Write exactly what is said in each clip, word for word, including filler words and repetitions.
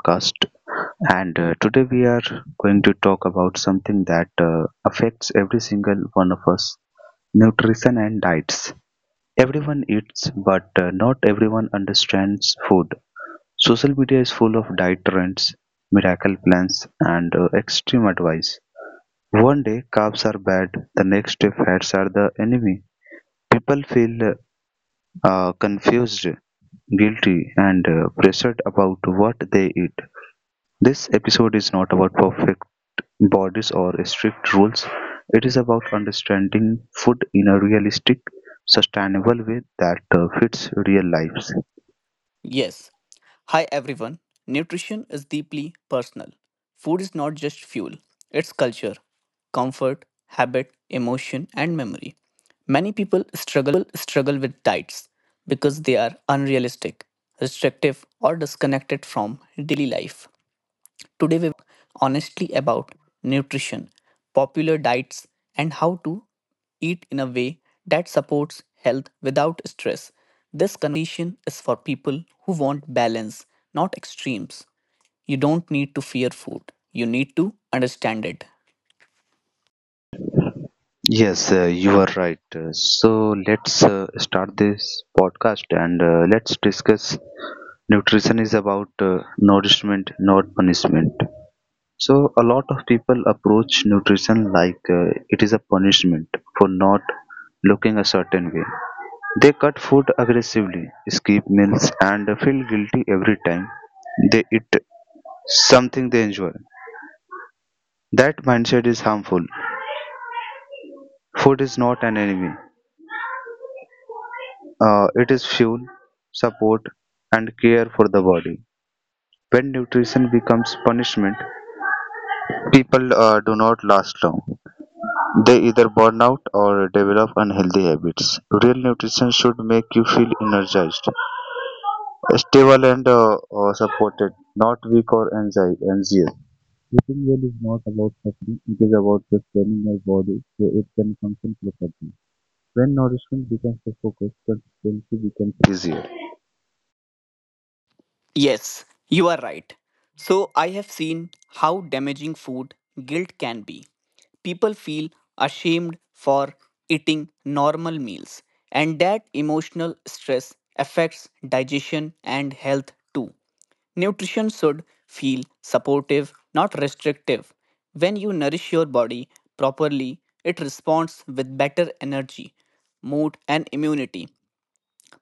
podcast, and uh, today we are going to talk about something that uh, affects every single one of us. Nutrition and diets: everyone eats, but uh, not everyone understands food. Social media is full of diet trends, miracle plans, and uh, extreme advice. One day carbs are bad, the next day fats are the enemy. People feel uh, confused, guilty, and uh, pressured about what they eat. This episode is not about perfect bodies or strict rules. It is about understanding food in a realistic, sustainable way that uh, fits real lives. Yes. Hi everyone. Nutrition is deeply personal. Food is not just fuel, it's culture, comfort, habit, emotion, and memory. Many people struggle with diets because they are unrealistic, restrictive, or disconnected from daily life. Today we will talk honestly about nutrition, popular diets, and how to eat in a way that supports health without stress. This conversation is for people who want balance, not extremes. You don't need to fear food, you need to understand it. Yes, uh, you are right. Uh, So let's uh, start this podcast and uh, let's discuss. Nutrition is about uh, nourishment, not punishment. So a lot of people approach nutrition like uh, it is a punishment for not looking a certain way. They cut food aggressively, skip meals, and feel guilty every time they eat something they enjoy. That mindset is harmful. Food is not an enemy, uh, it is fuel, support, and care for the body. When nutrition becomes punishment, people uh, do not last long. They either burn out or develop unhealthy habits. Real nutrition should make you feel energized, stable, and uh, uh, supported, not weak or anxi- anxious. Eating well is not about suffering, it is about sustaining your body so it can function properly. When nourishment becomes the focus, consistency becomes easier. Yes, you are right. So, I have seen how damaging food guilt can be. People feel ashamed for eating normal meals, and that emotional stress affects digestion and health too. Nutrition should feel supportive, not restrictive. When you nourish your body properly, it responds with better energy, mood, and immunity.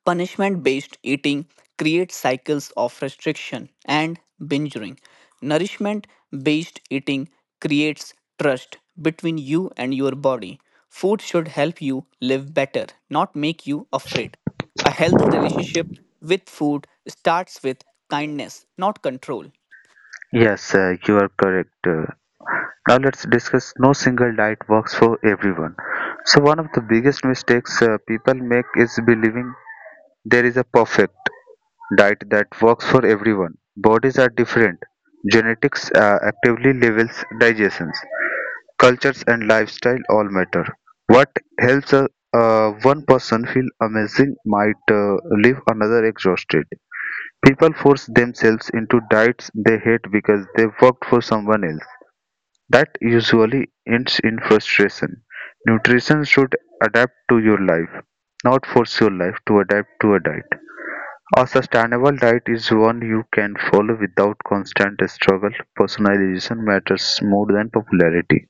Punishment based eating creates cycles of restriction and binging. Nourishment based eating creates trust between you and your body. Food should help you live better, not make you afraid. A healthy relationship with food starts with kindness, not control. Yes, uh, you are correct. Uh, now let's discuss: no single diet works for everyone. So, one of the biggest mistakes uh, people make is believing there is a perfect diet that works for everyone. Bodies are different. Genetics, uh, actively levels, digestions, cultures and lifestyle all matter. What helps a, uh, one person feel amazing might uh, leave another exhausted. People force themselves into diets they hate because they worked for someone else. That usually ends in frustration. Nutrition should adapt to your life, not force your life to adapt to a diet. A sustainable diet is one you can follow without constant struggle. Personalization matters more than popularity.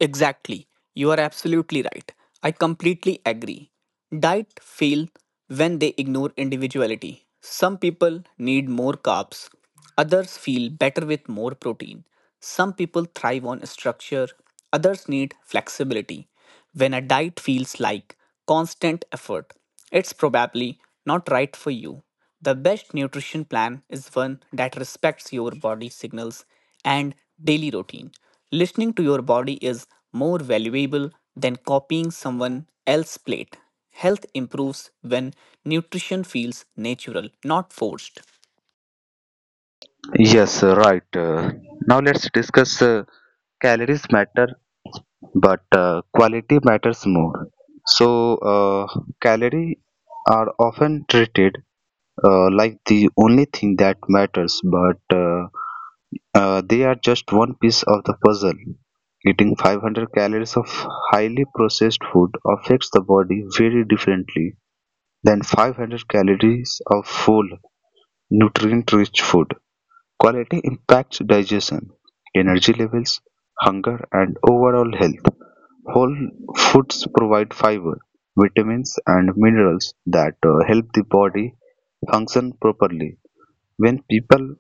Exactly. You are absolutely right. I completely agree. Diet fail when they ignore individuality. Some people need more carbs. Others feel better with more protein. Some people thrive on structure. Others need flexibility. When a diet feels like constant effort, it's probably not right for you. The best nutrition plan is one that respects your body signals and daily routine. Listening to your body is more valuable than copying someone else's plate. Health improves when nutrition feels natural, not forced. Yes, uh, right. Uh, now let's discuss: uh, calories matter, but uh, quality matters more. So, uh, calories are often treated uh, like the only thing that matters, but uh, Uh, they are just one piece of the puzzle. Eating five hundred calories of highly processed food affects the body very differently than five hundred calories of full, nutrient rich food. Quality impacts digestion, energy levels, hunger, and overall health. Whole foods provide fiber, vitamins, and minerals that uh, help the body function properly. When people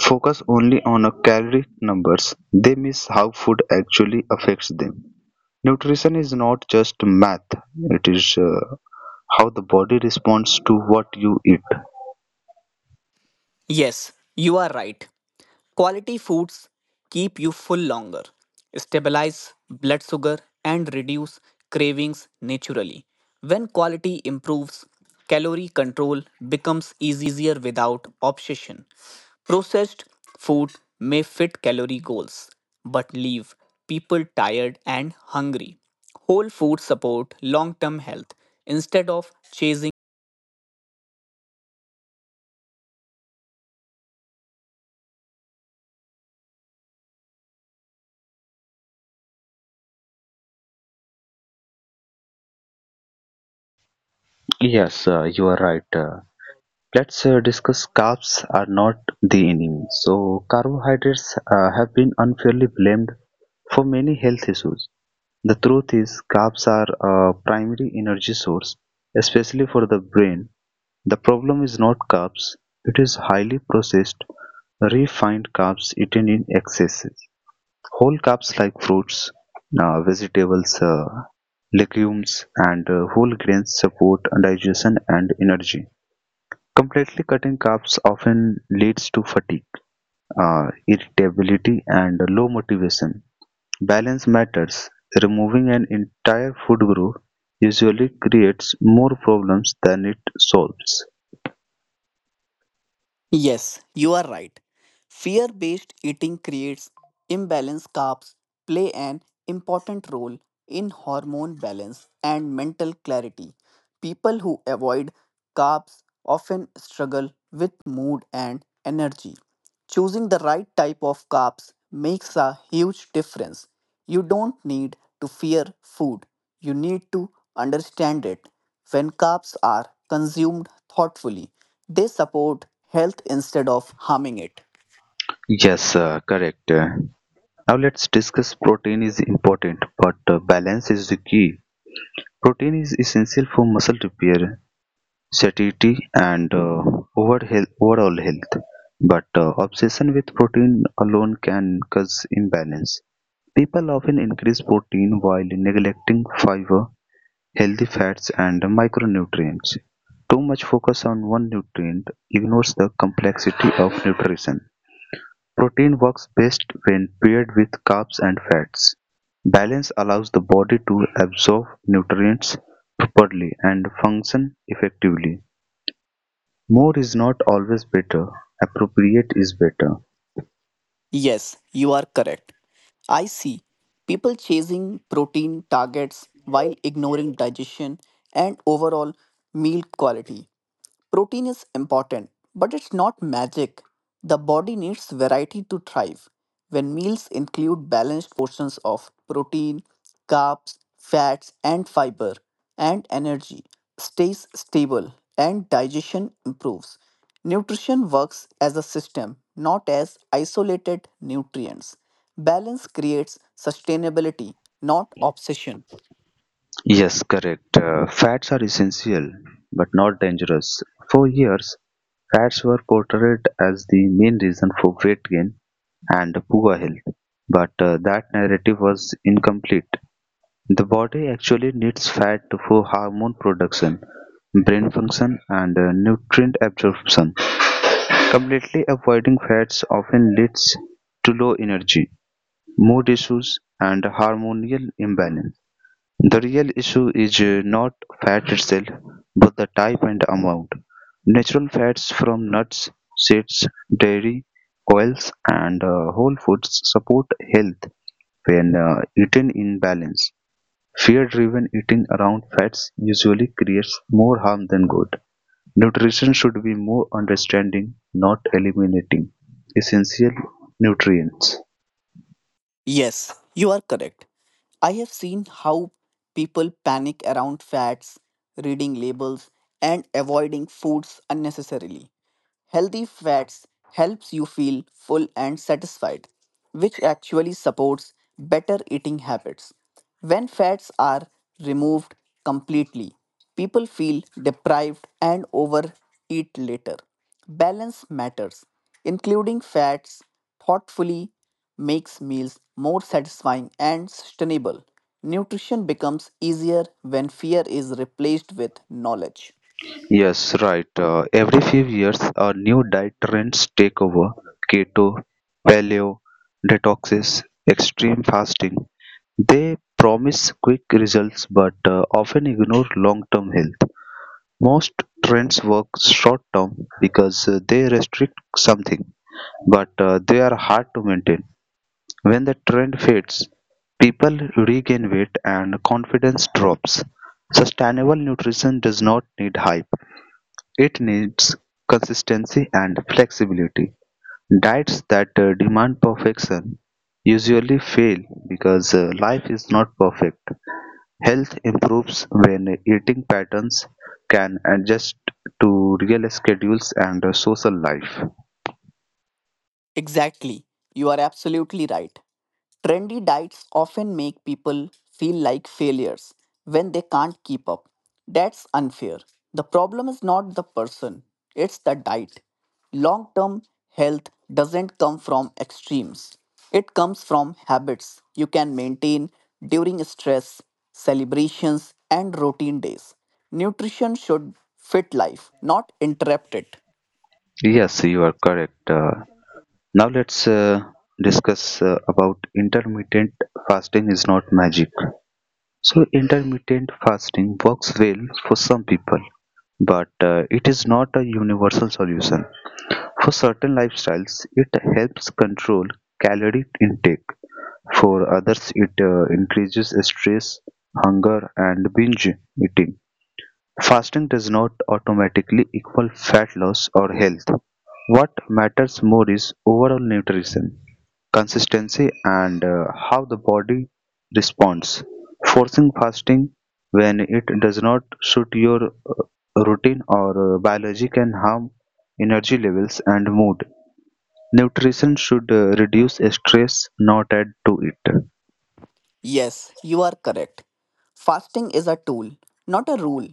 focus only on a calorie numbers, they miss how food actually affects them. Nutrition is not just math, it is uh, how the body responds to what you eat. Yes, you are right. Quality foods keep you full longer, stabilize blood sugar, and reduce cravings naturally. When quality improves, calorie control becomes easier without obsession. Processed food may fit calorie goals, but leave people tired and hungry. Whole foods support long term health instead of chasing Yes, uh, you are right. Uh, let's uh, discuss: carbs are not the enemy. So, carbohydrates uh, have been unfairly blamed for many health issues. The truth is, carbs are a primary energy source, especially for the brain. The problem is not carbs, it is highly processed, refined carbs eaten in excess. Whole carbs like fruits, uh, vegetables, uh, legumes, and uh, whole grains support digestion and energy. Completely cutting carbs often leads to fatigue, uh, irritability, and low motivation. Balance matters. Removing an entire food group usually creates more problems than it solves. Yes, you are right. Fear based eating creates imbalance. Carbs play an important role in hormone balance and mental clarity. People who avoid carbs often struggle with mood and energy. Choosing the right type of carbs makes a huge difference. You don't need to fear food, you need to understand it. When carbs are consumed thoughtfully, they support health instead of harming it. Yes, uh, correct. Uh, Now let's discuss: protein is important, but uh, balance is the key. Protein is essential for muscle repair, satiety, and uh, over health, overall health. But uh, obsession with protein alone can cause imbalance. People often increase protein while neglecting fiber, healthy fats, and micronutrients. Too much focus on one nutrient ignores the complexity of nutrition. Protein works best when paired with carbs and fats; balance allows the body to absorb nutrients properly and function effectively. More is not always better, appropriate is better. Yes, you are correct. I see people chasing protein targets while ignoring digestion and overall meal quality. Protein is important, but it's not magic. The body needs variety to thrive. When meals include balanced portions of protein, carbs, fats, and fiber, and energy stays stable and digestion improves. Nutrition works as a system, not as isolated nutrients. Balance creates sustainability, not obsession. Yes, correct. Uh, fats are essential but not dangerous. For years, fats were portrayed as the main reason for weight gain and poor health, but uh, that narrative was incomplete. The body actually needs fat for hormone production, brain function, and uh, nutrient absorption. Completely avoiding fats often leads to low energy, mood issues, and hormonal imbalance. The real issue is uh, not fat itself, but the type and amount. Natural fats from nuts, seeds, dairy, oils, and uh, whole foods support health when uh, eaten in balance. Fear-driven eating around fats usually creates more harm than good. Nutrition should be more understanding, not eliminating, essential nutrients. Yes, you are correct. I have seen how people panic around fats, reading labels, and avoiding foods unnecessarily. Healthy fats helps you feel full and satisfied, which actually supports better eating habits. When fats are removed completely, people feel deprived and overeat later. Balance matters. Including fats thoughtfully makes meals more satisfying and sustainable. Nutrition becomes easier when fear is replaced with knowledge. Yes, right. Uh, every few years, a new diet trends take over. Keto, paleo, detoxes, extreme fasting. They promise quick results but uh, often ignore long term health. Most trends work short term because uh, they restrict something, but uh, they are hard to maintain. When the trend fades, people regain weight and confidence drops. Sustainable nutrition does not need hype, it needs consistency and flexibility. Diets that uh, demand perfection usually fail because uh, life is not perfect. Health improves when eating patterns can adjust to real schedules and uh, social life. Exactly. You are absolutely right. Trendy diets often make people feel like failures when they can't keep up. That's unfair. The problem is not the person, it's the diet. Long term health doesn't come from extremes, it comes from habits you can maintain during stress, celebrations, and routine days. Nutrition should fit life, not interrupt it. Yes, you are correct. Uh, Now let's uh, discuss uh, about intermittent fasting is not magic. So intermittent fasting works well for some people, but uh, it is not a universal solution. For certain lifestyles, it helps control calorie intake. For others, it uh, increases stress, hunger, and binge eating. Fasting does not automatically equal fat loss or health. What matters more is overall nutrition consistency and uh, how the body responds. Forcing fasting when it does not suit your uh, routine or uh, biology can harm energy levels and mood. Nutrition should uh, reduce stress, not add to it. Yes, you are correct. Fasting is a tool, not a rule.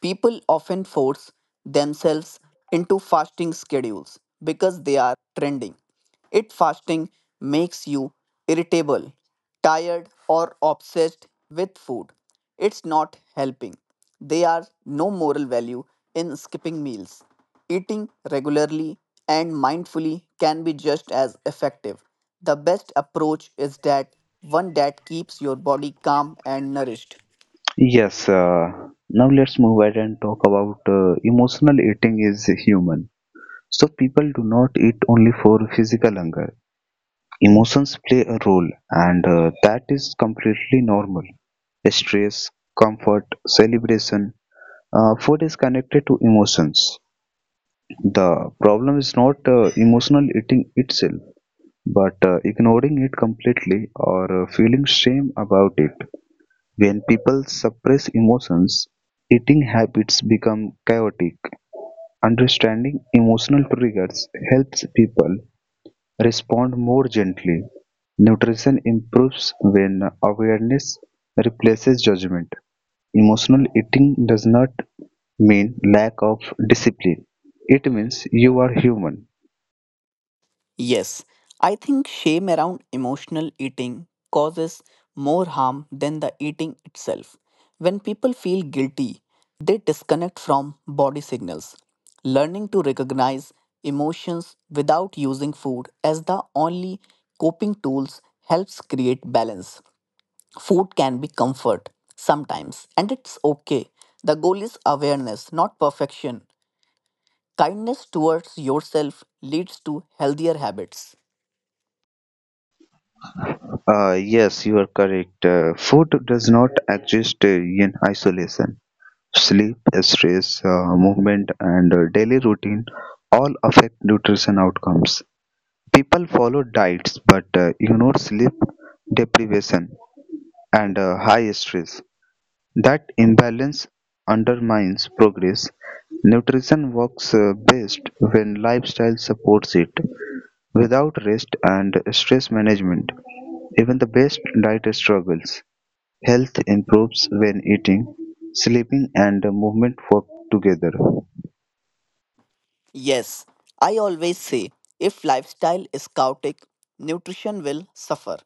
People often force themselves into fasting schedules because they are trending. It fasting makes you irritable, tired, or obsessed with food. It's not helping. There are no moral value in skipping meals. Eating regularly and mindfully can be just as effective. The best approach is that one that keeps your body calm and nourished. Yes, uh, now let's move ahead and talk about uh, emotional eating is human. So people do not eat only for physical hunger. Emotions play a role, and uh, that is completely normal. Stress, comfort, celebration, uh, food is connected to emotions. The problem is not uh, emotional eating itself, but uh, ignoring it completely or uh, feeling shame about it. When people suppress emotions, eating habits become chaotic. Understanding emotional triggers helps people respond more gently. Nutrition improves when awareness replaces judgment. Emotional eating does not mean lack of discipline. It means you are human. Yes, I think shame around emotional eating causes more harm than the eating itself. When people feel guilty, they disconnect from body signals. Learning to recognize emotions without using food as the only coping tools helps create balance. Food can be comfort sometimes, and it's okay. The goal is awareness, not perfection. Kindness towards yourself leads to healthier habits. Uh, yes, you are correct. Uh, food does not exist uh, in isolation. Sleep, stress, uh, movement, and uh, daily routine all affect nutrition outcomes. People follow diets but uh, ignore sleep deprivation and uh, high stress. That imbalance undermines progress. Nutrition works uh, best when lifestyle supports it. Without rest and stress management, even the best diet struggles. Health improves when eating, sleeping, and movement work together. Yes, I always say if lifestyle is chaotic, nutrition will suffer.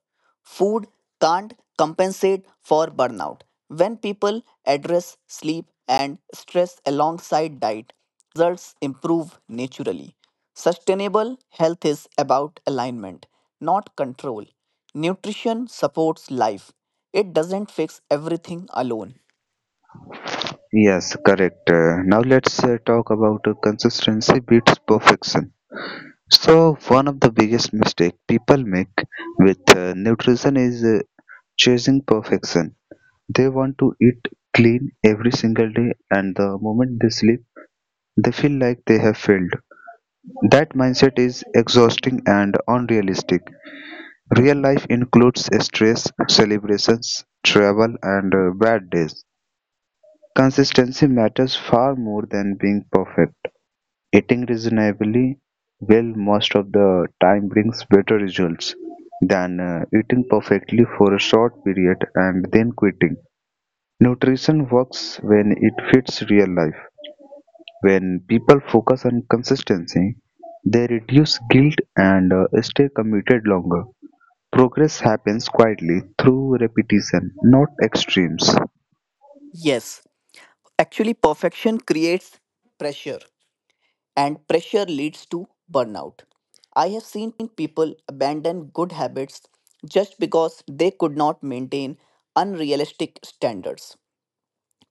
Food can't compensate for burnout. When people address sleep and stress alongside diet, results improve naturally. Sustainable health is about alignment, not control. Nutrition supports life, it doesn't fix everything alone. Yes, correct. Uh, now let's uh, talk about uh, consistency beats perfection. So one of the biggest mistake people make with uh, nutrition is uh, chasing perfection. They want to eat clean every single day, and the moment they sleep they feel like they have failed. That mindset is exhausting and unrealistic. Real life includes stress, celebrations, travel and uh, bad days. Consistency matters far more than being perfect. Eating reasonably well most of the time brings better results than uh, eating perfectly for a short period and then quitting. Nutrition works when it fits real life. When people focus on consistency, they reduce guilt and uh, stay committed longer. Progress happens quietly through repetition, not extremes. Yes, actually, perfection creates pressure, and pressure leads to burnout. I have seen people abandon good habits just because they could not maintain unrealistic standards.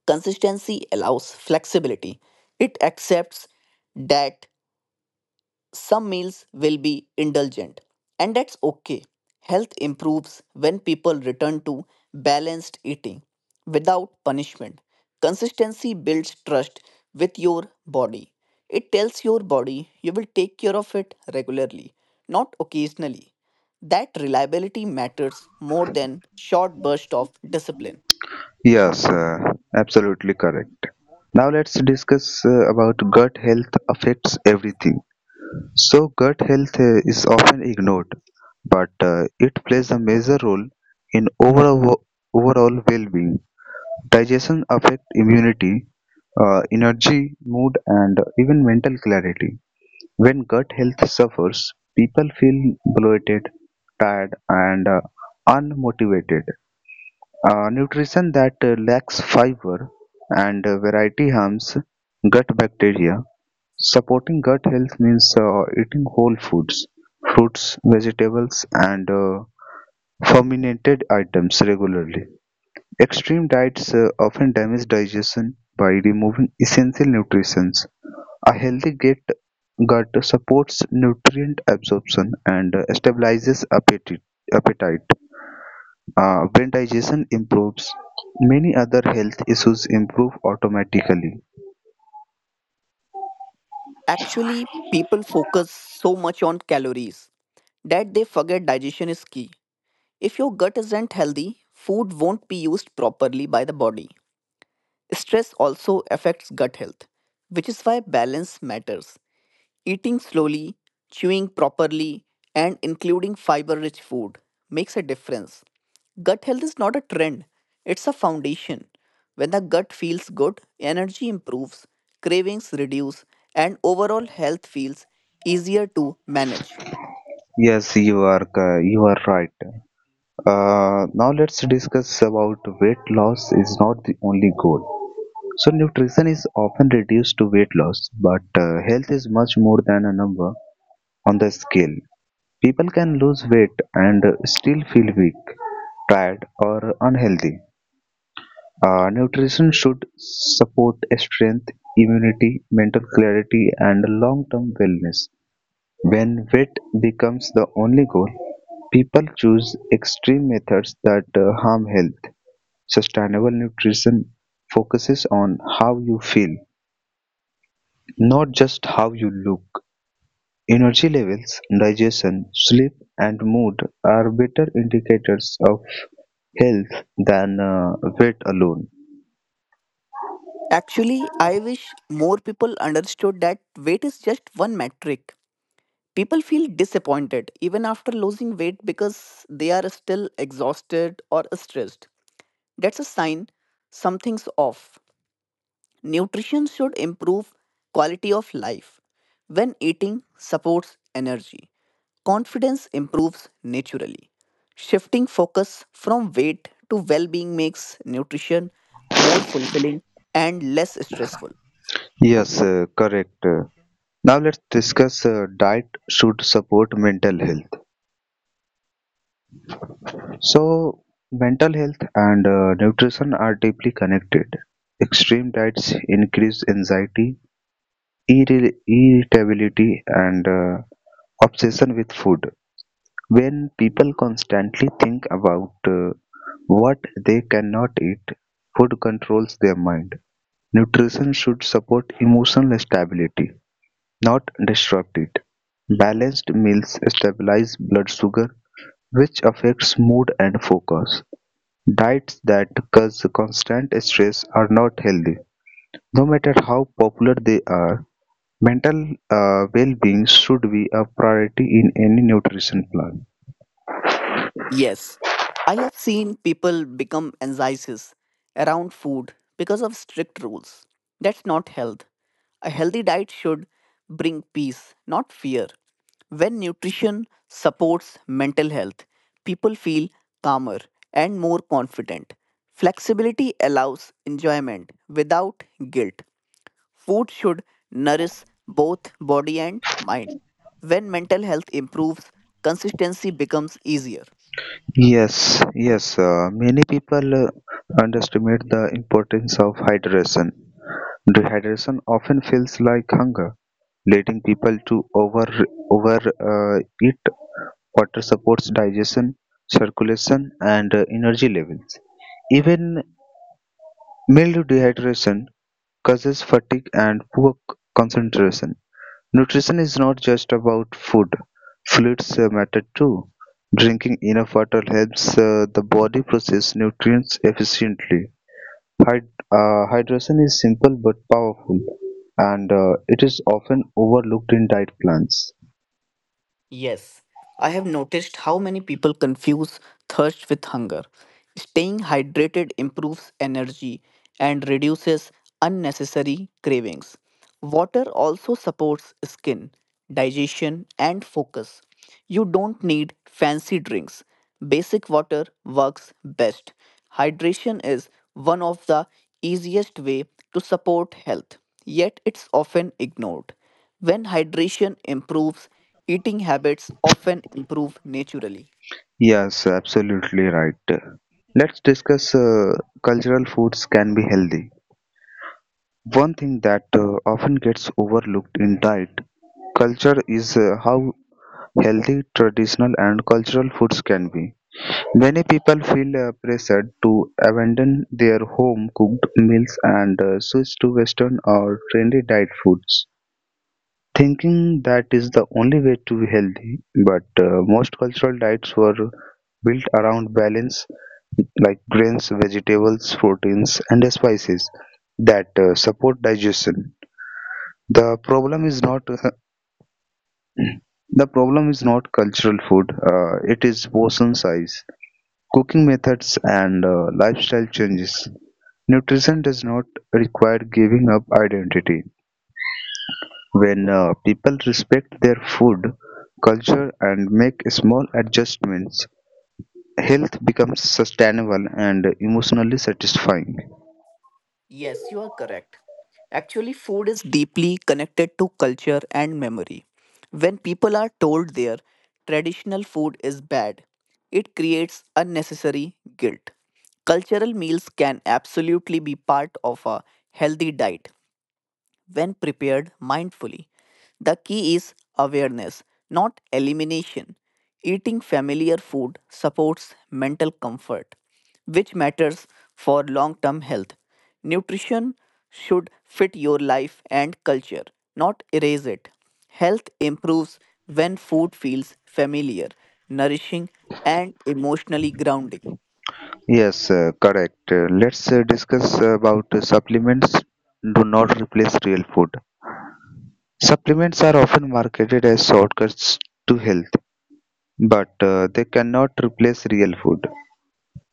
Consistency allows flexibility, it accepts that some meals will be indulgent, and that's okay. Health improves when people return to balanced eating without punishment. Consistency builds trust with your body. It tells your body you will take care of it regularly, not occasionally. That reliability matters more than short burst of discipline. Yes, uh, absolutely correct. Now let's discuss uh, about gut health affects everything. So gut health uh, is often ignored, but uh, it plays a major role in overall overall well-being. Digestion affects immunity, uh, energy, mood, and even mental clarity. When gut health suffers, people feel bloated, tired, and uh, unmotivated. Uh, nutrition that uh, lacks fiber and uh, variety harms gut bacteria. Supporting gut health means uh, eating whole foods, fruits, vegetables, and uh, fermented items regularly. Extreme diets uh, often damage digestion by removing essential nutrients. A healthy gut gut supports nutrient absorption and uh, stabilizes appetite. appetite. Uh, when digestion improves, many other health issues improve automatically. Actually, people focus so much on calories that they forget digestion is key. If your gut isn't healthy, food won't be used properly by the body. Stress also affects gut health, which is why balance matters. Eating slowly, chewing properly, and including fiber rich food makes a difference. Gut health is not a trend, it's a foundation. When the gut feels good, energy improves, cravings reduce, and overall health feels easier to manage. Yes, you are uh, you are right. Uh, now let's discuss about weight loss is not the only goal. So nutrition is often reduced to weight loss, but uh, health is much more than a number on the scale. People can lose weight and uh, still feel weak, tired, or unhealthy. Uh, nutrition should support strength, immunity, mental clarity, and long-term wellness. When weight becomes the only goal, people choose extreme methods that uh, harm health. Sustainable nutrition focuses on how you feel, not just how you look. Energy levels, digestion, sleep, and mood are better indicators of health than uh, weight alone. Actually, I wish more people understood that weight is just one metric. People feel disappointed even after losing weight because they are still exhausted or stressed. That's a sign something's off. Nutrition should improve quality of life. When eating supports energy, confidence improves naturally. Shifting focus from weight to well being makes nutrition more fulfilling and less stressful. Yes, uh, correct. Now let's discuss: uh, diet should support mental health. So, mental health and uh, nutrition are deeply connected. Extreme diets increase anxiety, irri- irritability, and uh, obsession with food. When people constantly think about uh, what they cannot eat, food controls their mind. Nutrition should support emotional stability, not disrupt it. Balanced meals stabilize blood sugar, which affects mood and focus. Diets that cause constant stress are not healthy, no matter how popular they are. Mental uh, well-being should be a priority in any nutrition plan. Yes, I have seen people become anxious around food because of strict rules. That's not health. A healthy diet should bring peace, not fear. When nutrition supports mental health, people feel calmer and more confident. Flexibility allows enjoyment without guilt. Food should nourish both body and mind. When mental health improves, consistency becomes easier. Yes, yes. Uh, many people uh, underestimate the importance of hydration. Dehydration often feels like hunger, leading people to over over uh, eat. Water supports digestion, circulation, and uh, energy levels. Even mild dehydration causes fatigue and poor c- concentration. Nutrition is not just about food; fluids uh, matter too. Drinking enough water helps uh, the body process nutrients efficiently. Hyd- uh, hydration is simple but powerful, and uh, it is often overlooked in diet plans. Yes, I have noticed how many people confuse thirst with hunger. Staying hydrated improves energy and reduces unnecessary cravings. Water also supports skin, digestion, and focus. You don't need fancy drinks. Basic water works best. Hydration is one of the easiest way to support health, yet it's often ignored. When hydration improves, eating habits often improve naturally. Yes, absolutely right. Let's discuss uh, cultural foods can be healthy. One thing that uh, often gets overlooked in diet culture is uh, how healthy traditional and cultural foods can be. Many people feel uh, pressured to abandon their home cooked meals and uh, switch to Western or trendy diet foods, thinking that is the only way to be healthy. But uh, most cultural diets were built around balance, like grains, vegetables, proteins, and spices that uh, support digestion. The problem is not the problem is not cultural food. Uh, it is portion size, cooking methods, and uh, lifestyle changes. Nutrition does not require giving up identity. When uh, people respect their food, culture, and make small adjustments, health becomes sustainable and emotionally satisfying. Yes, you are correct. Actually, food is deeply connected to culture and memory. When people are told their traditional food is bad, it creates unnecessary guilt. Cultural meals can absolutely be part of a healthy diet, when prepared mindfully. The key is awareness, not elimination. Eating familiar food supports mental comfort, which matters for long term health. Nutrition should fit your life and culture, not erase it. Health improves when food feels familiar, nourishing, and emotionally grounding. Yes, uh, correct. Uh, let's uh, discuss about uh, supplements do not replace real food. Supplements are often marketed as shortcuts to health, but uh, they cannot replace real food.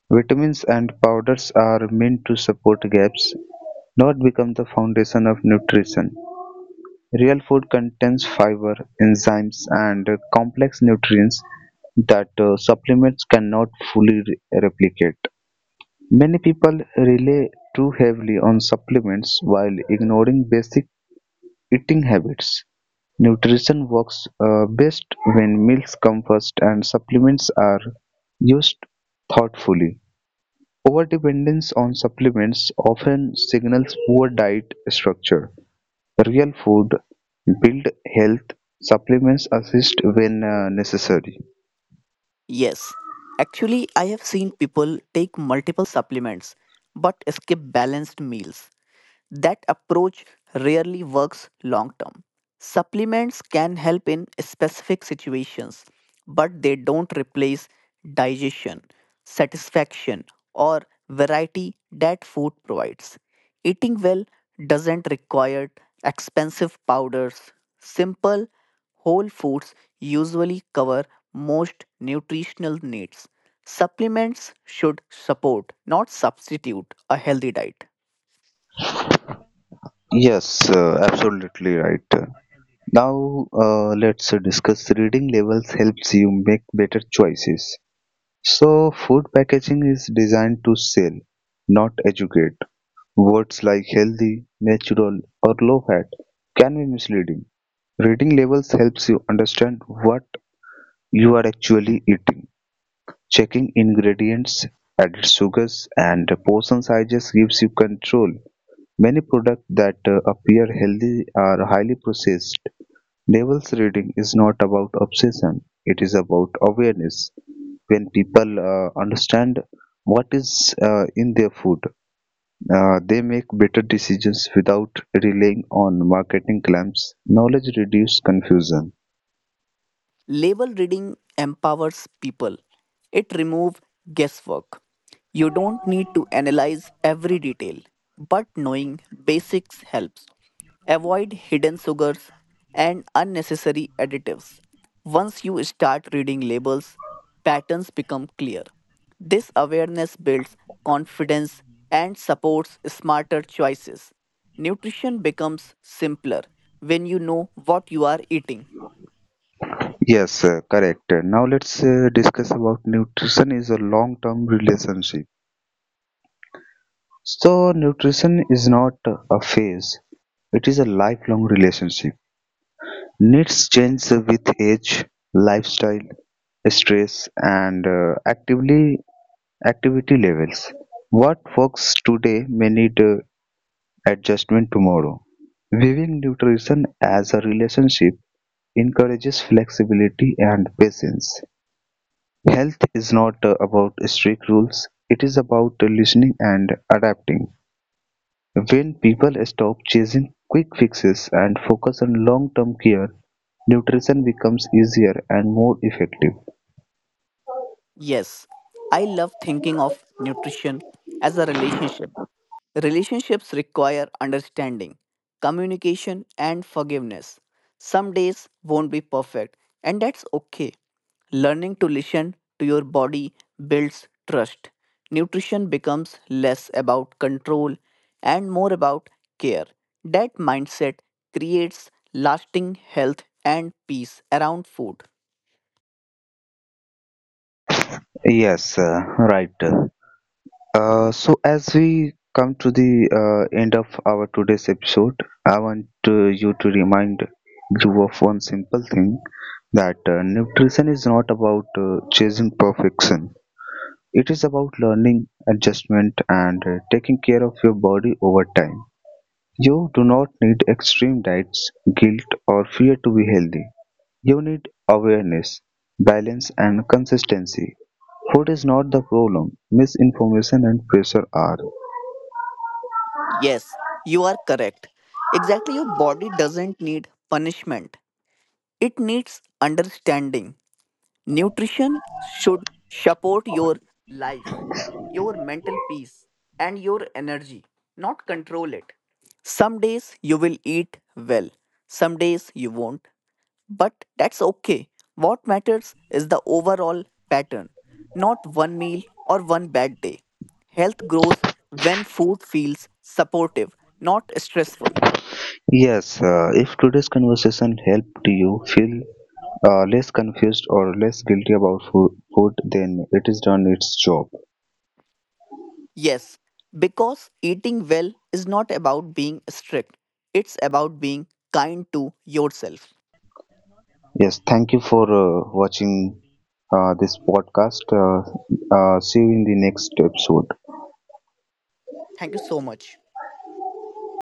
Vitamins and powders are meant to support gaps, not become the foundation of nutrition. Real food contains fiber, enzymes, and complex nutrients that uh, supplements cannot fully re- replicate. Many people rely too heavily on supplements while ignoring basic eating habits. Nutrition works uh, best when meals come first and supplements are used thoughtfully. Overdependence on supplements often signals poor diet structure. Real food build health, supplements assist when uh, necessary. Yes, actually, I have seen people take multiple supplements but skip balanced meals. That approach rarely works long term. Supplements can help in specific situations, but they don't replace digestion, satisfaction, or variety that food provides. Eating well doesn't require expensive powders. Simple, whole foods usually cover most nutritional needs. Supplements should support, not substitute, a healthy diet. Yes, uh, absolutely right. Now uh, let's discuss reading labels helps you make better choices. So food packaging is designed to sell, not educate. Words like healthy, natural, or low fat can be misleading. Reading labels helps you understand what you are actually eating. Checking ingredients, added sugars, and portion sizes gives you control. Many products that uh, appear healthy are highly processed. Labels reading is not about obsession; it is about awareness. When people uh, understand what is uh, in their food, uh, they make better decisions without relying on marketing claims. Knowledge reduces confusion. Label reading empowers people. It removes guesswork. You don't need to analyze every detail, but knowing basics helps. Avoid hidden sugars and unnecessary additives. Once you start reading labels, patterns become clear. This awareness builds confidence and supports smarter choices. Nutrition becomes simpler when you know what you are eating. Yes, uh, correct. Now let's uh, discuss about nutrition is a long-term relationship. So nutrition is not a phase; it is a lifelong relationship. Needs change with age, lifestyle, stress, and uh, actively activity levels. What works today may need uh, adjustment tomorrow. Viewing nutrition as a relationship encourages flexibility and patience. Health is not uh, about strict rules; it is about uh, listening and adapting. When people stop chasing quick fixes and focus on long term care, nutrition becomes easier and more effective. Yes, I love thinking of nutrition as a relationship. Relationships require understanding, communication, and forgiveness. Some days won't be perfect, and that's okay. Learning to listen to your body builds trust. Nutrition becomes less about control and more about care. That mindset creates lasting health and peace around food. Yes, uh, right. Uh, so as we come to the uh, end of our today's episode, I want uh, you to remind you of one simple thing, that uh, nutrition is not about uh, chasing perfection. It is about learning, adjustment, and uh, taking care of your body over time. You do not need extreme diets, guilt, or fear to be healthy. You need awareness, balance, and consistency. Food is not the problem; misinformation and pressure are. Yes, you are correct. Exactly, your body doesn't need punishment, it needs understanding. Nutrition should support your life, your mental peace, and your energy, not control it. Some days you will eat well, some days you won't. But that's okay. What matters is the overall pattern, not one meal or one bad day. Health grows when food feels supportive, not stressful. Yes, uh, if today's conversation helped you feel uh, less confused or less guilty about food, food, then it has done its job. Yes, because eating well is not about being strict, it's about being kind to yourself. Yes, thank you for uh, watching uh, this podcast. Uh, uh, see you in the next episode. Thank you so much.